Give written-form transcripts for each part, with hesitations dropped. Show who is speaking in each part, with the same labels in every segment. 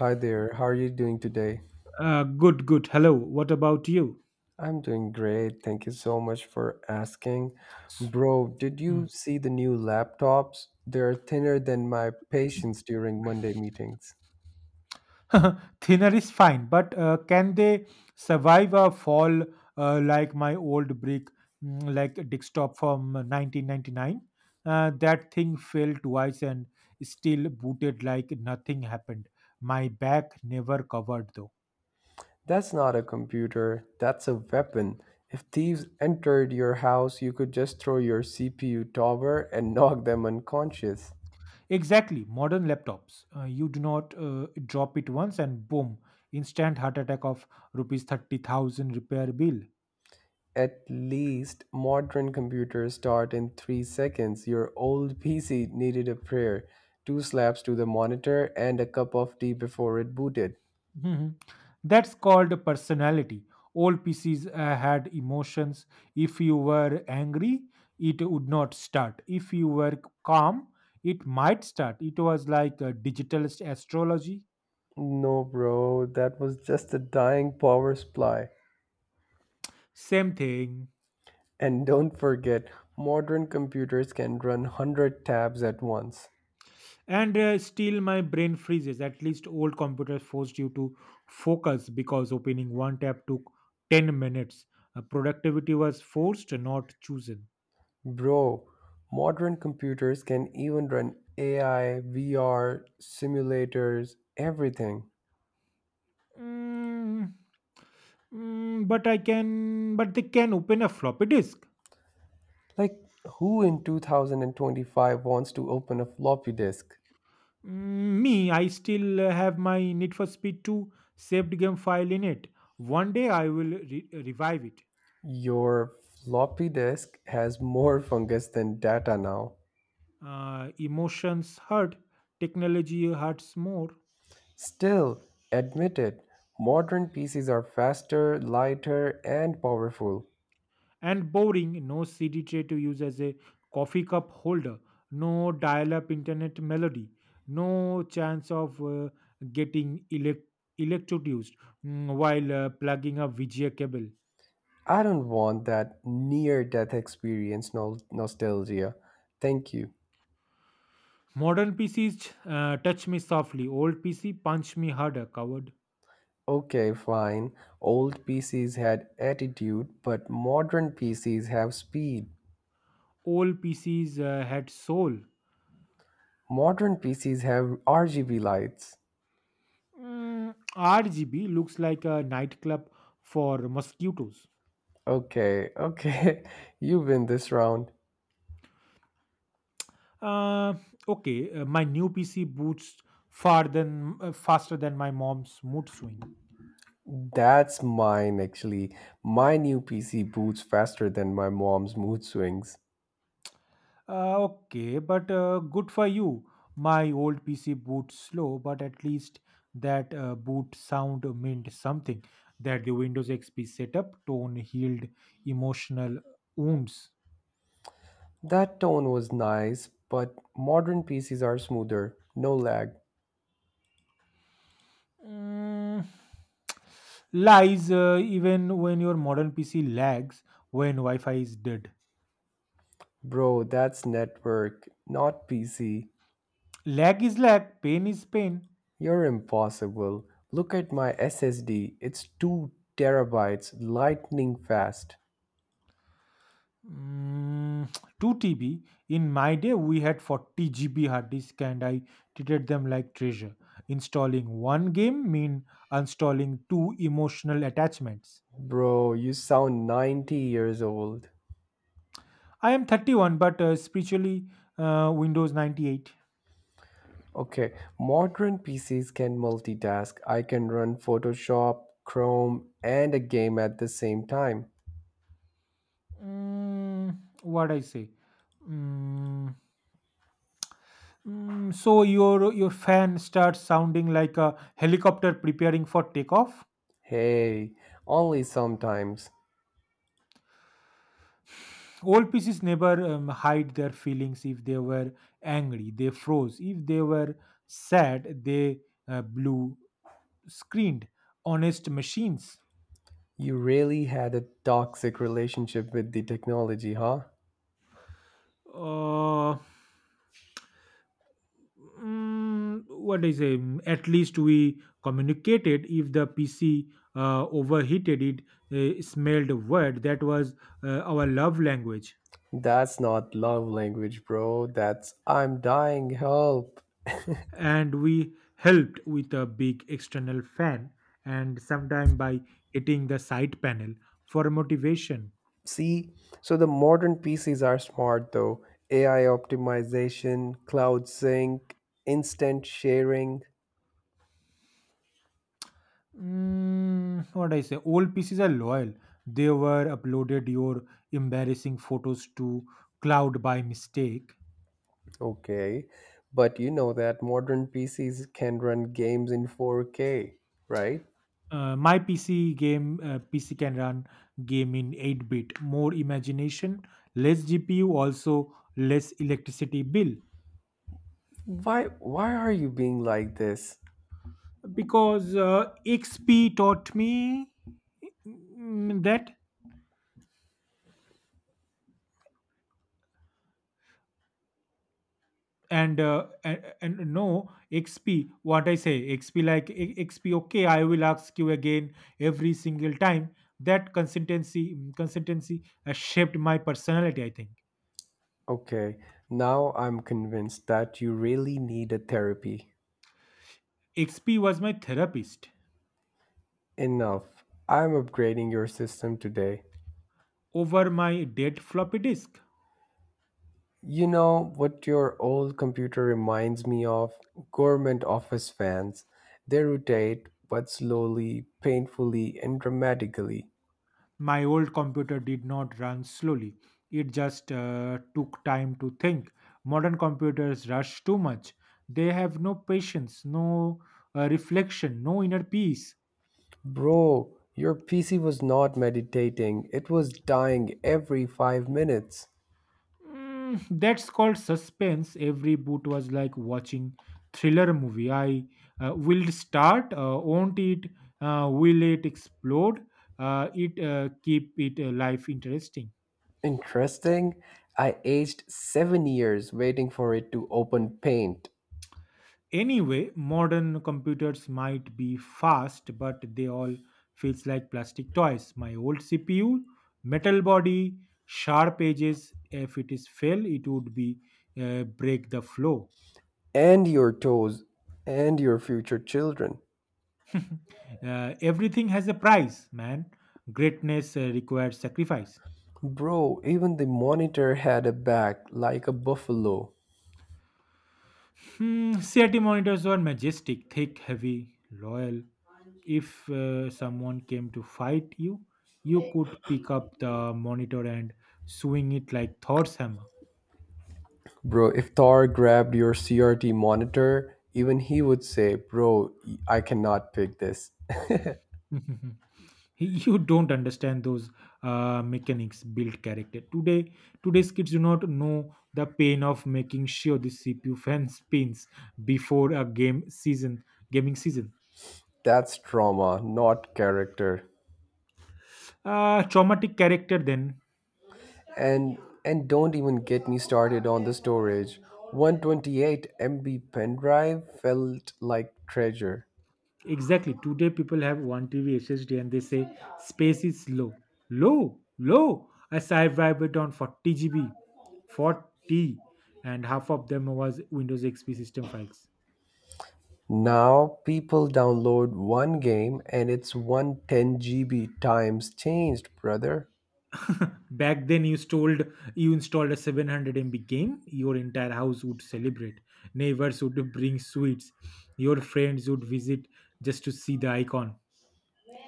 Speaker 1: Hi there, how are you doing today?
Speaker 2: Good, good. Hello. What about you?
Speaker 1: I'm doing great. Thank you so much for asking. Bro, did you
Speaker 2: Mm.
Speaker 1: see the new laptops? They're thinner than my patience during Monday meetings.
Speaker 2: Thinner is fine, but can they survive a fall like my old brick, like desktop from 1999? That thing fell twice and still booted like nothing happened. My back never covered though.
Speaker 1: That's not a computer, that's a weapon. If thieves entered your house, you could just throw your CPU tower and knock them unconscious.
Speaker 2: Exactly, modern laptops. You do not drop it once and boom, instant heart attack of rupees 30,000 repair bill.
Speaker 1: At least modern computers start in 3 seconds. Your old PC needed a prayer, two slaps to the monitor, and a cup of tea before it booted.
Speaker 2: Mhm. That's called personality. Old pieces had emotions. If you were angry, it would not start. If you were calm, it might start. It was like digital astrology.
Speaker 1: No, bro, that was just a dying power supply.
Speaker 2: Same thing.
Speaker 1: And don't forget, modern computers can run 100 tabs at once.
Speaker 2: And still, my brain freezes. At least old computers forced you to focus because opening one tab took 10 minutes. Productivity was forced, not chosen.
Speaker 1: Bro, modern computers can even run AI, VR, simulators, everything.
Speaker 2: Mm, but they can open a floppy disk.
Speaker 1: Like, who in 2025 wants to open a floppy disk?
Speaker 2: Me, I still have my Need for Speed 2 saved game file in it. One day I will revive it.
Speaker 1: Your floppy disk has more fungus than data now.
Speaker 2: Emotions hurt, technology hurts more.
Speaker 1: Still, admit it, modern PCs are faster, lighter, and powerful.
Speaker 2: And boring. No CD tray to use as a coffee cup holder, no dial up internet melody, no chance of getting electrocuted, while plugging a VGA cable.
Speaker 1: I don't want that near death experience nostalgia. Thank you.
Speaker 2: Modern PCs touch me softly, old PC punch me harder, coward.
Speaker 1: Okay, fine. Old PCs had attitude, but modern PCs have speed.
Speaker 2: Old PCs had soul.
Speaker 1: Modern PCs have RGB lights.
Speaker 2: RGB looks like a nightclub for mosquitoes.
Speaker 1: Okay, okay. You win this round.
Speaker 2: Uh, okay, my new PC boots far than faster than my mom's mood swing.
Speaker 1: That's mine, actually. My new PC boots faster than my mom's mood swings.
Speaker 2: Okay, but good for you. My old PC boots slow, but at least that boot sound meant something. That the Windows XP setup tone healed emotional wounds.
Speaker 1: That tone was nice, but modern PCs are smoother. No lag.
Speaker 2: Mm, Lies, even when your modern PC lags when Wi-Fi is dead.
Speaker 1: Bro, that's network, not PC.
Speaker 2: Lag is lag, pain is pain.
Speaker 1: You're impossible. Look at my SSD. It's 2 terabytes, lightning fast.
Speaker 2: Mm, 2 TB. In my day, we had 40 GB hard disk, and I treated them like treasure. Installing one game mean uninstalling two emotional attachments.
Speaker 1: Bro, you sound 90 years old.
Speaker 2: I am 31, but spiritually, Windows 98.
Speaker 1: Okay, modern PCs can multitask. I can run Photoshop, Chrome, and a game at the same time.
Speaker 2: Mm, what I say? Mm, so your fan starts sounding like a helicopter preparing for takeoff.
Speaker 1: Hey, only sometimes.
Speaker 2: Old pieces never hide their feelings. If they were angry, they froze. If they were sad, they blew, screamed. Honest machines.
Speaker 1: You really had a toxic relationship with the technology, huh?
Speaker 2: Uh, what is say? At least we communicated. If the PC overheated, it smelled word. That was our love language.
Speaker 1: That's not love language, bro. That's I'm dying, help.
Speaker 2: And we helped with a big external fan and sometime by hitting the side panel for motivation.
Speaker 1: See? So the modern PCs are smart though. AI optimization, cloud sync, instant sharing.
Speaker 2: What I say, old pieces are loyal. They were uploaded your embarrassing photos to cloud by mistake.
Speaker 1: Okay, but you know that modern PCs can run games in 4K, right?
Speaker 2: My PC game PC can run game in 8 bit, more imagination, less GPU, also less electricity bill.
Speaker 1: Why why are you being like this?
Speaker 2: Because XP taught me that. And no, XP, what I say, XP, like XP, okay. I will ask you again every single time that consistency has shaped my personality, I think.
Speaker 1: Okay, now I'm convinced that you really need a therapy.
Speaker 2: XP was my therapist
Speaker 1: Enough. I'm upgrading your system today.
Speaker 2: over my dead floppy disk.
Speaker 1: You know what your old computer reminds me of? Government office fans. They rotate, but slowly, painfully, and dramatically.
Speaker 2: My old computer did not run slowly, it just took time to think. Modern computers rush too much. They have no patience, no reflection, no inner peace.
Speaker 1: Bro, your PC was not meditating, it was dying every 5 minutes.
Speaker 2: That's called suspense. Every boot was like watching thriller movie. I will it start, won't it, will it explode? It keep it life interesting.
Speaker 1: Interesting. I aged 7 years waiting for it to open paint.
Speaker 2: Anyway, modern computers might be fast, but they all feels like plastic toys. My old CPU, metal body, sharp edges. If it is fail, it would be break the flow.
Speaker 1: And your toes. And your future children.
Speaker 2: Everything has a price, man. Greatness requires sacrifice.
Speaker 1: Bro, even the monitor had a back like a buffalo.
Speaker 2: CRT monitors were majestic, thick, heavy, loyal. If someone came to fight you, you could pick up the monitor and swing it like Thor's hammer.
Speaker 1: Bro, if Thor grabbed your CRT monitor, even he would say, Bro, I cannot pick this.
Speaker 2: You don't understand. Those mechanics build character. Today's kids do not know the pain of making sure the CPU fan spins before a game season gaming season.
Speaker 1: That's trauma, not character.
Speaker 2: Traumatic character then.
Speaker 1: And and don't even get me started on the storage. 128 MB pen drive felt like treasure.
Speaker 2: Exactly. Today people have one TV SSD and they say space is low. Low, low. I survived it on 40 GB. 40. And half of them was Windows XP system files.
Speaker 1: Now people download one game and it's 110 GB times changed, brother.
Speaker 2: Back then you installed a 700 MB game, your entire house would celebrate. Neighbors would bring sweets. Your friends would visit just to see the icon.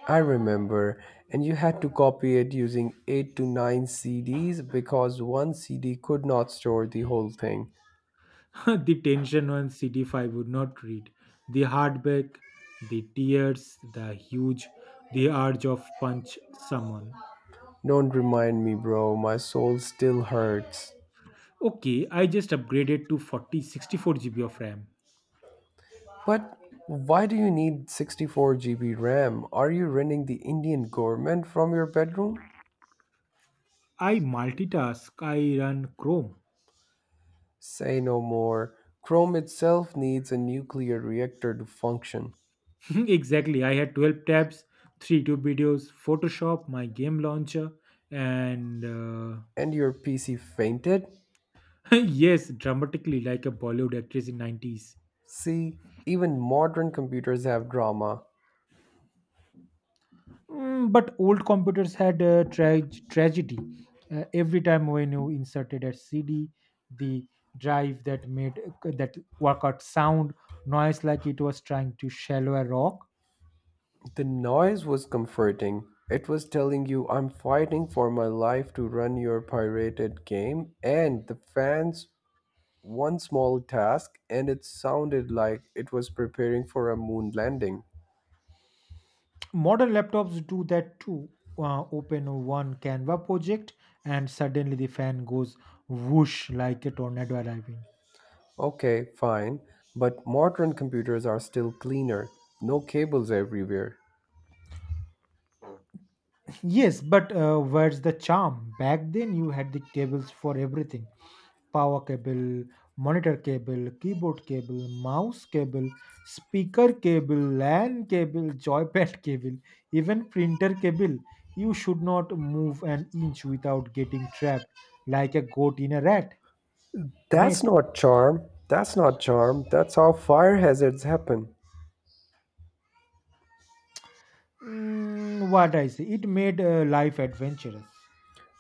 Speaker 1: I remember, and you had to copy it using 8 to 9 C Ds because one CD could not store the whole thing.
Speaker 2: The tension on CD5 would not read. The heartbreak, the tears, the huge, the urge of punch someone.
Speaker 1: Don't remind me, bro, my soul still hurts.
Speaker 2: Okay, I just upgraded to 40 64 GB of RAM.
Speaker 1: But why do you need 64 GB RAM? Are you running the Indian government from your bedroom?
Speaker 2: I multitask, I run Chrome.
Speaker 1: Say no more. Chrome itself needs a nuclear reactor to function.
Speaker 2: Exactly, I had 12 tabs, 3 YouTube videos, Photoshop, my game launcher, and
Speaker 1: And your PC fainted?
Speaker 2: Yes, dramatically like a Bollywood actress in 90s.
Speaker 1: See, even modern computers have drama.
Speaker 2: But old computers had a tragedy. Every time when you inserted a CD, the drive that made that work out sound noise like it was trying to shallow a rock.
Speaker 1: The noise was comforting. It was telling you I'm fighting for my life to run your pirated game, and the fans one small task and it sounded like it was preparing for a moon landing.
Speaker 2: Modern laptops do that too. Open one Canva project, and suddenly the fan goes whoosh like a tornado arriving.
Speaker 1: Okay, fine, but modern computers are still cleaner, no cables everywhere.
Speaker 2: Yes, but where's the charm? Back then, you had the cables for everything. Power cable, monitor cable, keyboard cable, mouse cable, speaker cable, LAN cable, joypad cable, even printer cable. You should not move an inch without getting trapped like a goat in a rat
Speaker 1: That's
Speaker 2: net.
Speaker 1: not charm. That's not charm. That's how fire hazards happen.
Speaker 2: What I say, it made life adventurous.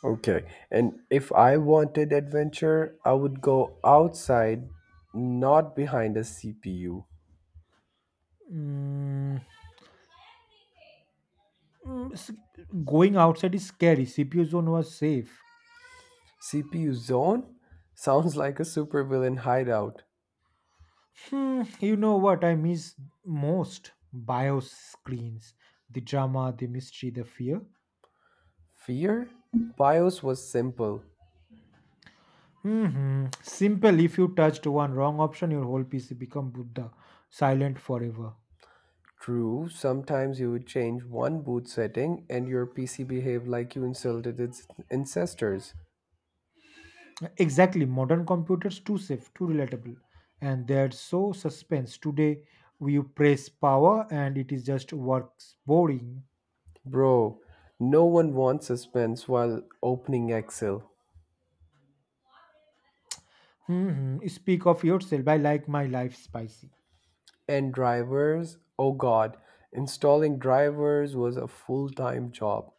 Speaker 1: Okay, and if I wanted adventure, I would go outside, not behind a CPU.
Speaker 2: Mm, mm, s- going outside is scary. CPU zone was safe.
Speaker 1: CPU zone? Sounds like a supervillain hideout.
Speaker 2: You know what I miss most? Bio screens. The drama, the mystery, the fear.
Speaker 1: Fear? BIOS was simple.
Speaker 2: Simple. If you touched one wrong option, your whole PC become Buddha, silent forever.
Speaker 1: True, sometimes you would change one boot setting and your PC behaved like you insulted its ancestors.
Speaker 2: Exactly. Modern computers too safe, too relatable, and they're so suspense. Today, you press power, and it is just works boring.
Speaker 1: Bro, no one wants suspense while opening Excel.
Speaker 2: Speak of yourself. I like my life spicy.
Speaker 1: And drivers, oh god, installing drivers was a full time job.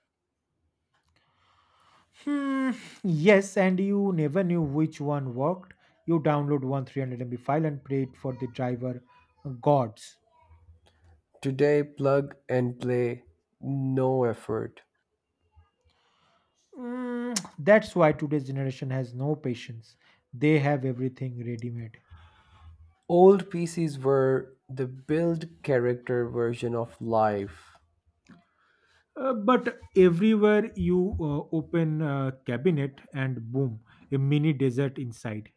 Speaker 2: Hmm, yes, and you never knew which one worked. You download one 300 MB file and prayed for the driver gods.
Speaker 1: Today, plug and play, no effort.
Speaker 2: That's why today's generation has no patience. They have everything ready made.
Speaker 1: Old PCs were the build character version of life.
Speaker 2: But everywhere you open a cabinet and boom, a mini desert inside.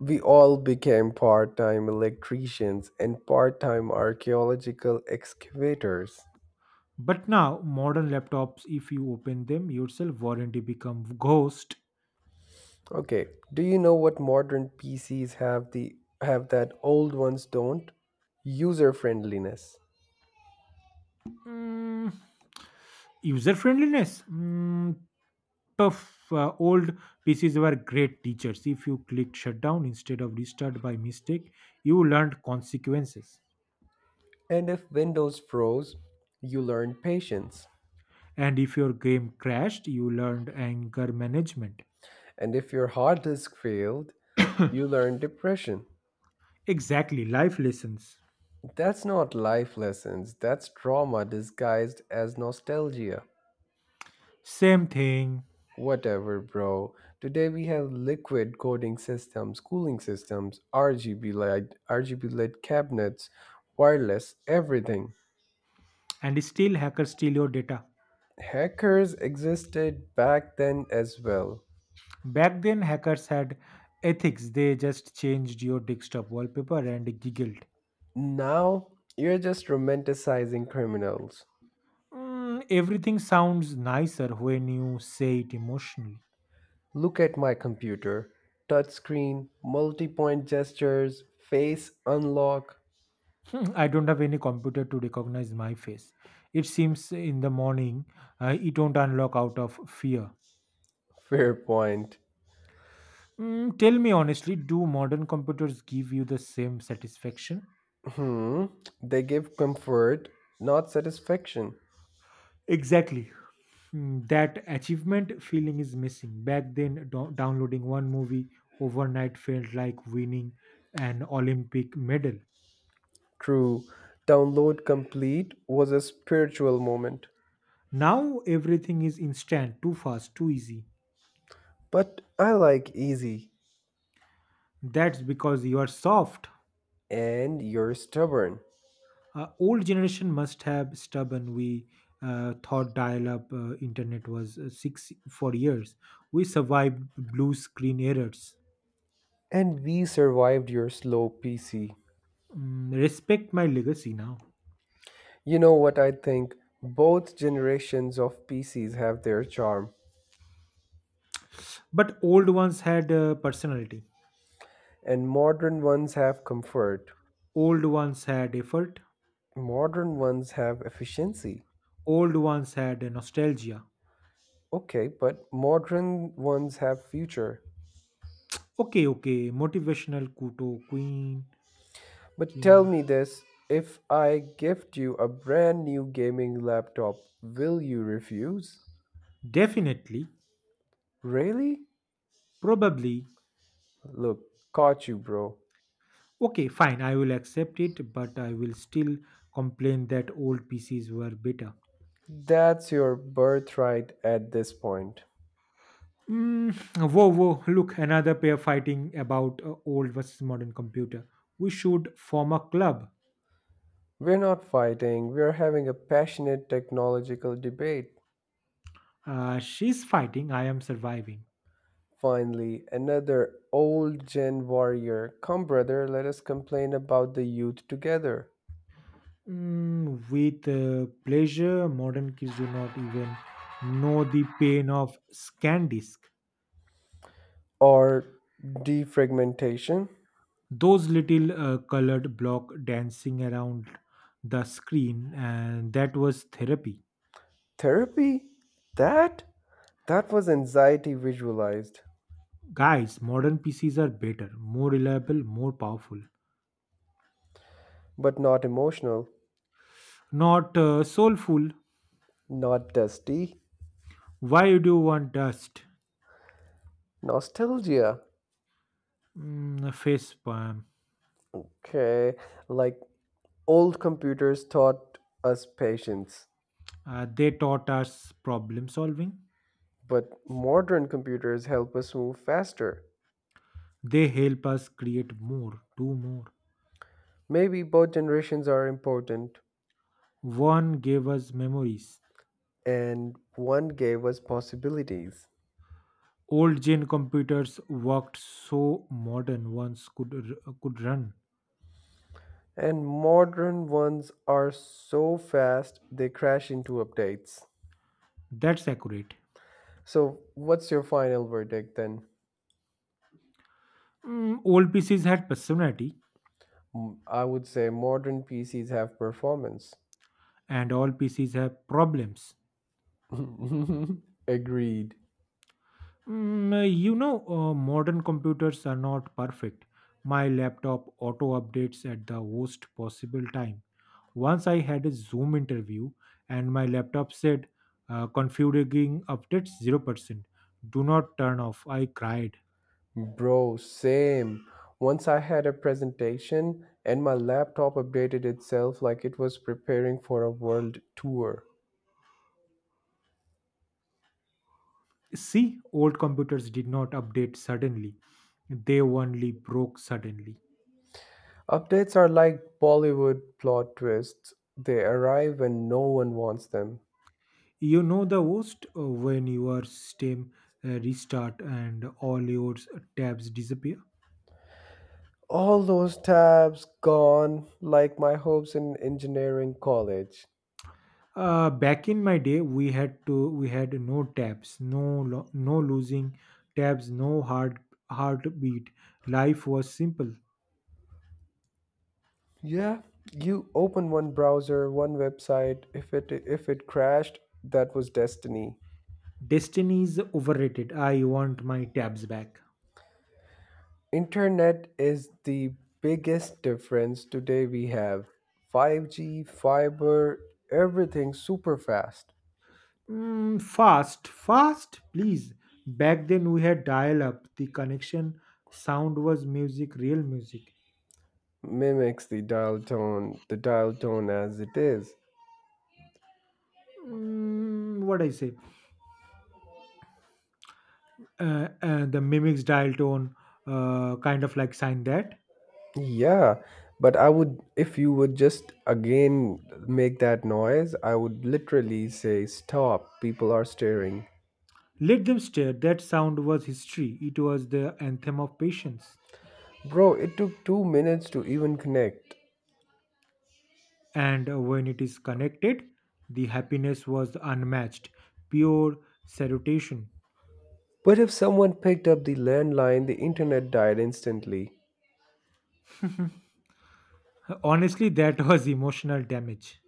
Speaker 1: We all became part time electricians and part time archaeological excavators.
Speaker 2: But now, modern laptops, if you open them yourself, warranty become ghost.
Speaker 1: Okay, do you know what modern PCs have that old ones don't? User friendliness.
Speaker 2: Mm, user friendliness. Mm, of old PCs were great teachers. If you clicked shutdown instead of restart by mistake, you learned consequences.
Speaker 1: And if Windows froze, you learned patience.
Speaker 2: And if your game crashed, you learned anger management.
Speaker 1: And if your hard disk failed, you learned depression.
Speaker 2: Exactly, life lessons.
Speaker 1: That's not life lessons, that's trauma disguised as nostalgia.
Speaker 2: Same thing.
Speaker 1: Whatever, bro. Today we have liquid coding systems, cooling systems, RGB light, RGB LED cabinets, wireless, everything.
Speaker 2: And still, hackers steal your data.
Speaker 1: Hackers existed back then as well.
Speaker 2: Back then, hackers had ethics, they just changed your desktop wallpaper and giggled.
Speaker 1: Now you're just romanticizing criminals.
Speaker 2: Everything sounds nicer when you say it emotionally.
Speaker 1: Look at my computer. Touchscreen, multi-point gestures, face unlock.
Speaker 2: I don't have any computer to recognize my face. It seems in the morning it won't unlock out of fear.
Speaker 1: Fair point.
Speaker 2: Tell me honestly, do modern computers give you the same satisfaction?
Speaker 1: Hmm. They give comfort, not satisfaction.
Speaker 2: Exactly. That achievement feeling is missing. Back then, downloading one movie overnight felt like winning an Olympic medal.
Speaker 1: True, Download Complete was a spiritual moment.
Speaker 2: Now everything is instant, too fast, too easy.
Speaker 1: But I like easy,
Speaker 2: That's because you are soft.
Speaker 1: and you're stubborn.
Speaker 2: Old generation must have stubborn. We thought dial-up internet was six for years. We survived blue screen errors.
Speaker 1: And we survived your slow PC.
Speaker 2: Respect my legacy now.
Speaker 1: You know what I think? Both generations of PCs have their charm,
Speaker 2: But old ones had personality.
Speaker 1: and modern ones have comfort.
Speaker 2: Old ones had effort.
Speaker 1: Modern ones have efficiency.
Speaker 2: Old ones had nostalgia.
Speaker 1: Okay, but modern ones have future.
Speaker 2: Okay, okay, motivational kuto queen.
Speaker 1: But tell
Speaker 2: King.
Speaker 1: me this, if I gift you a brand new gaming laptop, will you refuse?
Speaker 2: Definitely.
Speaker 1: Really?
Speaker 2: Probably.
Speaker 1: Look, caught you, bro.
Speaker 2: Okay, fine, I will accept it, but I will still complain that old PCs were better.
Speaker 1: That's your birthright at this point.
Speaker 2: Mm, Whoa, whoa, look, another pair fighting about old versus modern computer. We should form a club.
Speaker 1: We're not fighting, we're having a passionate technological debate.
Speaker 2: She's fighting, I am surviving.
Speaker 1: Finally, another old gen warrior. Come, brother, let us complain about the youth together.
Speaker 2: With pleasure, modern kids do not even know the pain of scan disk.
Speaker 1: Or defragmentation.
Speaker 2: Those little colored block dancing around the screen, and that was therapy.
Speaker 1: Therapy? That? That was anxiety visualized,
Speaker 2: Guys, modern PCs are better, more reliable, more powerful,
Speaker 1: but not emotional,
Speaker 2: not soulful.
Speaker 1: not dusty.
Speaker 2: Why you do you want dust?
Speaker 1: Nostalgia.
Speaker 2: Face palm.
Speaker 1: Okay, like old computers taught us patience,
Speaker 2: They taught us problem solving.
Speaker 1: but modern computers help us move faster.
Speaker 2: They help us create more, do more.
Speaker 1: Maybe both generations are important,
Speaker 2: One gave us memories.
Speaker 1: and one gave us possibilities.
Speaker 2: Old gen computers worked so modern ones could run.
Speaker 1: And modern ones are so fast they crash into updates.
Speaker 2: That's accurate.
Speaker 1: So, what's your final verdict then?
Speaker 2: Old PCs had personality,
Speaker 1: I would say modern PCs have performance.
Speaker 2: and all PCs have problems.
Speaker 1: Agreed.
Speaker 2: Modern computers are not perfect. My laptop auto updates at the worst possible time. Once I had a Zoom interview and my laptop said, configuring updates 0%. Do not turn off. I cried.
Speaker 1: Bro, same. Once I had a presentation and my laptop updated itself like it was preparing for a world tour.
Speaker 2: See, old computers did not update suddenly, they only broke suddenly.
Speaker 1: Updates are like Bollywood plot twists, they arrive when no one wants them.
Speaker 2: You know the worst when your system restart and all your tabs disappear.
Speaker 1: All those tabs gone, like my hopes in engineering college.
Speaker 2: Back in my day, we had no tabs, no losing tabs, no hard heartbeat. Life was simple.
Speaker 1: Yeah, you open one browser, one website. If it crashed, that was destiny.
Speaker 2: Destiny is overrated. I want my tabs back.
Speaker 1: Internet is the biggest difference today we have. 5G, fiber, everything super fast.
Speaker 2: Fast, fast, please. Back then we had dial up. The connection sound was music, real music.
Speaker 1: Mimics the dial tone as it is.
Speaker 2: What I say? The mimics dial tone, kind of like sign that.
Speaker 1: Yeah, but I would, if you would just again make that noise, I would literally say stop. People are staring.
Speaker 2: Let them stare. That sound was history. It was the anthem of patience.
Speaker 1: Bro, it took 2 minutes to even connect.
Speaker 2: And when it is connected, the happiness was unmatched. Pure salutation.
Speaker 1: But if someone picked up the landline, the internet died instantly.
Speaker 2: Honestly, that was emotional damage.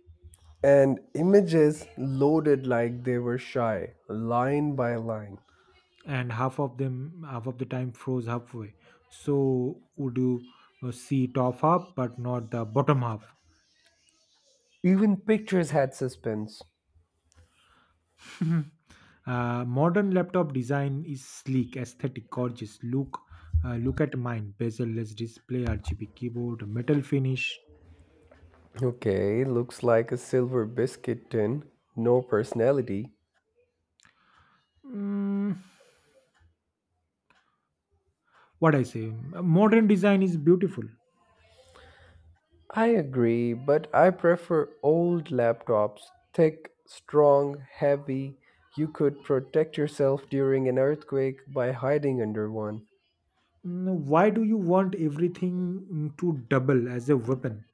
Speaker 1: And images loaded like they were shy, line by line.
Speaker 2: And half of them, half of the time, froze halfway. So would you see top half, but not the bottom half?
Speaker 1: Even pictures had suspense.
Speaker 2: Mhm. Modern laptop design is sleek, aesthetic, gorgeous. Look at mine: bezel-less display, RGB keyboard, metal finish.
Speaker 1: Okay, looks like a silver biscuit tin. No personality.
Speaker 2: Mm, what I say? Modern design is beautiful.
Speaker 1: I agree, but I prefer old laptops. Thick, strong, heavy. You could protect yourself during an earthquake by hiding under one.
Speaker 2: Why do you want everything to double as a weapon?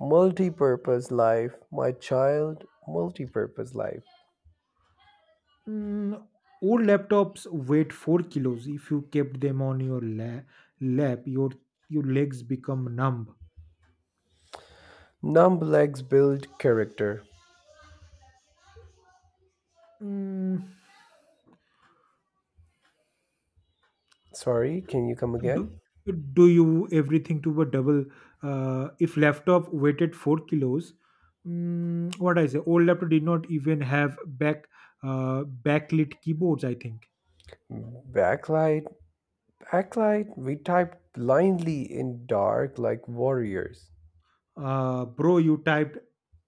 Speaker 1: Multi-purpose life, my child, multi-purpose life.
Speaker 2: Mm, old laptops weighed 4 kilos. If you kept them on your lap, your legs become numb.
Speaker 1: Numb legs build character.
Speaker 2: Mm,
Speaker 1: Sorry, can you come
Speaker 2: do,
Speaker 1: again?
Speaker 2: do you everything to a double, if laptop weighted 4 kilos, what I say old laptop did not even have back uh, backlit keyboards, I think.
Speaker 1: Backlight, backlight, we typed blindly in dark like warriors.
Speaker 2: Bro, you typed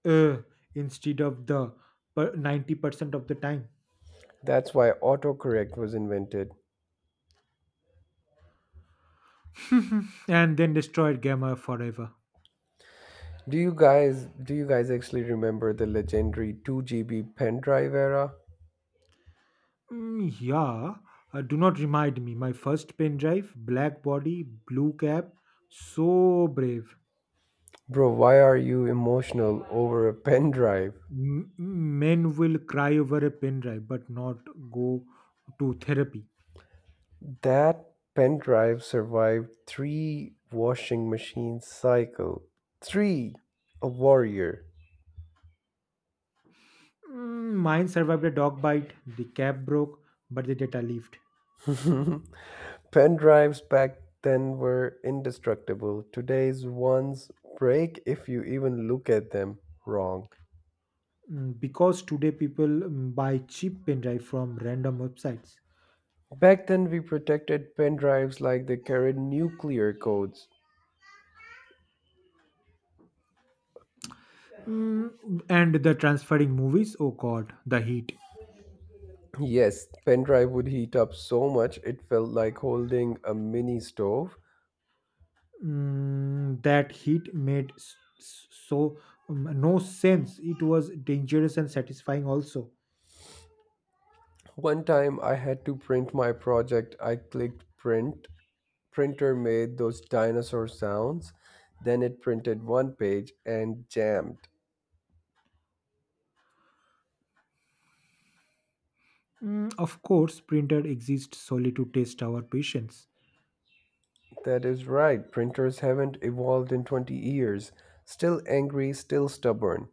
Speaker 2: uh, instead of the 90% of the time.
Speaker 1: That's why autocorrect was invented.
Speaker 2: And then destroyed gamma forever.
Speaker 1: Do you guys actually remember the legendary 2 GB pen drive era?
Speaker 2: Yeah, do not remind me. My first pen drive, black body, blue cap. So brave.
Speaker 1: Bro, why are you emotional over a pen drive?
Speaker 2: Men will cry over a pen drive but not go to therapy.
Speaker 1: That pen drive survived three washing machine cycle. Three! A warrior.
Speaker 2: Mine survived a dog bite, the cap broke, but the data lived.
Speaker 1: Pen drives back then were indestructible. Today's ones break if you even look at them wrong.
Speaker 2: Because today people buy cheap pen drive from random websites.
Speaker 1: Back then, we protected pen drives like they carried nuclear codes.
Speaker 2: And the transferring movies, oh god, the heat.
Speaker 1: Yes, pen drive would heat up so much it felt like holding a mini stove.
Speaker 2: That heat made so no sense. It was dangerous and satisfying also.
Speaker 1: One time I had to print my project, I clicked printer made those dinosaur sounds. Then it printed one page and jammed.
Speaker 2: Of course, printer exists solely to test our patience.
Speaker 1: That is right, printers haven't evolved in 20 years. Still angry, still stubborn.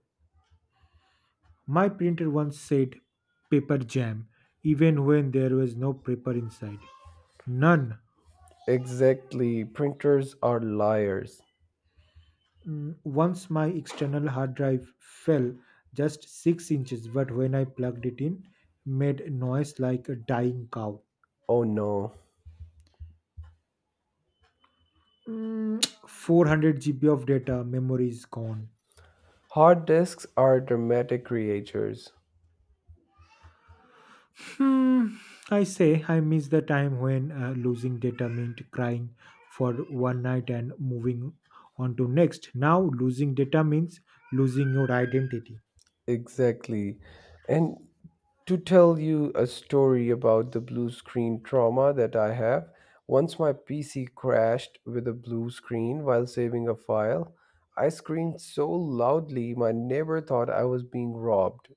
Speaker 2: My printer once said paper jam, even when there was no paper inside. None.
Speaker 1: Exactly, printers are liars.
Speaker 2: Once my external hard drive fell just 6 inches, but when I plugged it in, made noise like a dying cow.
Speaker 1: Oh no.
Speaker 2: 400 GB of data, memory is gone.
Speaker 1: Hard disks are dramatic creatures.
Speaker 2: Hmm, I say I miss the time when losing data meant crying for one night and moving on to next. Now losing data means losing your identity.
Speaker 1: Exactly. And to tell you a story about the blue screen trauma that I have, once my PC crashed with a blue screen while saving a file, I screamed so loudly my neighbor thought I was being robbed.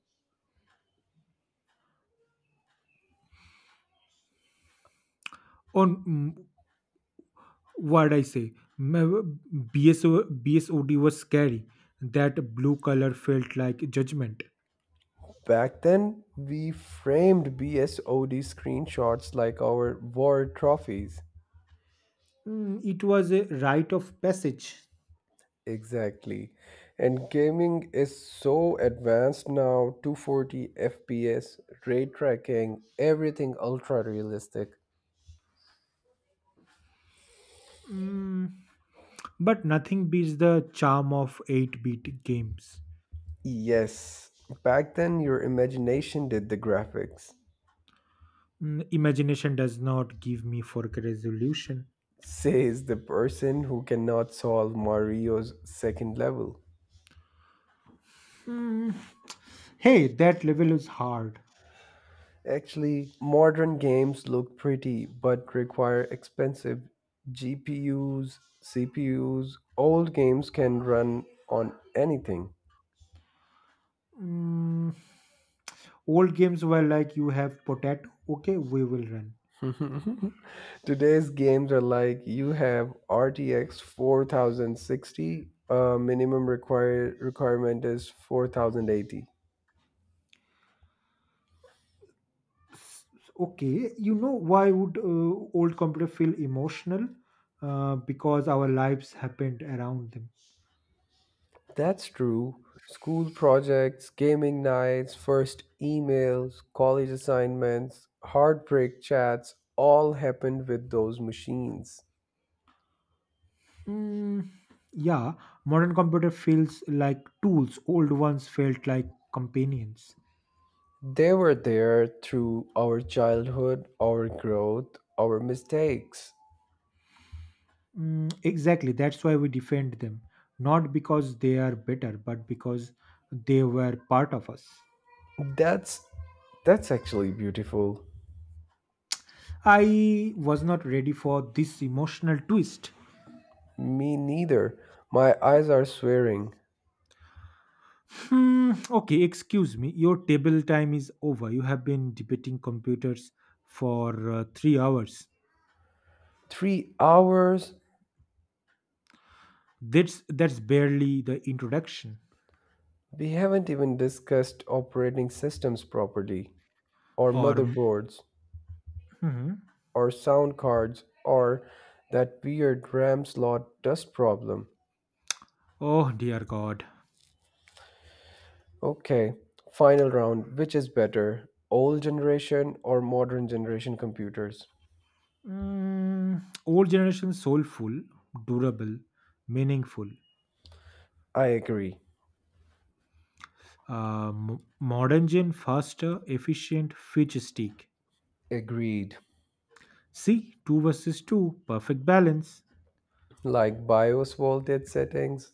Speaker 2: On mm, what I say, M- BSO, BSOD was scary. That blue color felt like judgment.
Speaker 1: Back then, we framed BSOD screenshots like our war trophies.
Speaker 2: It was a rite of passage.
Speaker 1: Exactly. And gaming is so advanced now 240 FPS, ray tracking, everything ultra realistic.
Speaker 2: Mm, but nothing beats the charm of 8-bit games.
Speaker 1: Yes, back then your imagination did the graphics,
Speaker 2: Imagination does not give me for resolution.
Speaker 1: says the person who cannot solve Mario's second level.
Speaker 2: Mm, Hey, that level is hard.
Speaker 1: Actually, modern games look pretty but require expensive GPUs, CPUs. Old games can run on anything.
Speaker 2: Mm, old games were like you have potato. Okay, we will run.
Speaker 1: Today's games are like you have RTX 4060, minimum required requirement is 4080.
Speaker 2: S- Okay, you know why would old computer feel emotional? Because our lives happened around them.
Speaker 1: That's true. School projects, gaming nights, first emails, college assignments, heartbreak chats all happened with those machines.
Speaker 2: Mm, yeah, modern computer feels like tools. Old ones felt like companions.
Speaker 1: They were there through our childhood, our growth, our mistakes.
Speaker 2: Exactly. That's why we defend them, not because they are better, but because they were part of us.
Speaker 1: That's that's actually beautiful.
Speaker 2: I was not ready for this emotional twist.
Speaker 1: Me neither. My eyes are swearing.
Speaker 2: Okay, excuse me. Your table time is over. You have been debating computers for 3 hours.
Speaker 1: 3 hours?
Speaker 2: That's barely the introduction
Speaker 1: We haven't even discussed operating systems properly, or
Speaker 2: or
Speaker 1: motherboards,
Speaker 2: mhm.
Speaker 1: or sound cards, or that weird RAM slot dust problem.
Speaker 2: Oh dear god.
Speaker 1: Okay, final round. Which is better, old generation or modern generation computers?
Speaker 2: Mm, old generation soulful, durable, meaningful.
Speaker 1: I agree.
Speaker 2: Modern gen faster, efficient, futuristic.
Speaker 1: Agreed.
Speaker 2: See, 2 versus 2, perfect balance.
Speaker 1: Like BIOS voltage settings,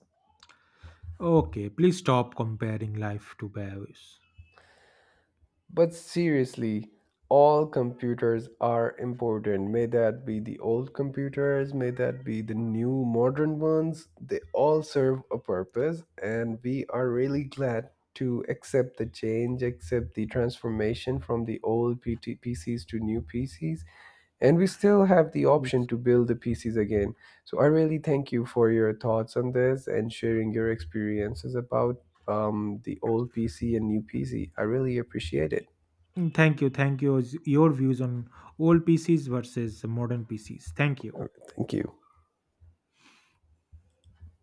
Speaker 2: Okay, please stop comparing life to bears.
Speaker 1: but seriously, all computers are important. May that be the old computers, may that be the new modern ones, they all serve a purpose, and we are really glad to accept the change, accept the transformation from the old PCs to new PCs, and we still have the option
Speaker 2: Yes.
Speaker 1: to build the PCs again. So I really thank you for your thoughts on this and sharing your experiences about the old PC and new PC. I really appreciate it.
Speaker 2: Thank you. Thank you. Your views on old PCs versus modern PCs. Thank you.
Speaker 1: All right, Thank you.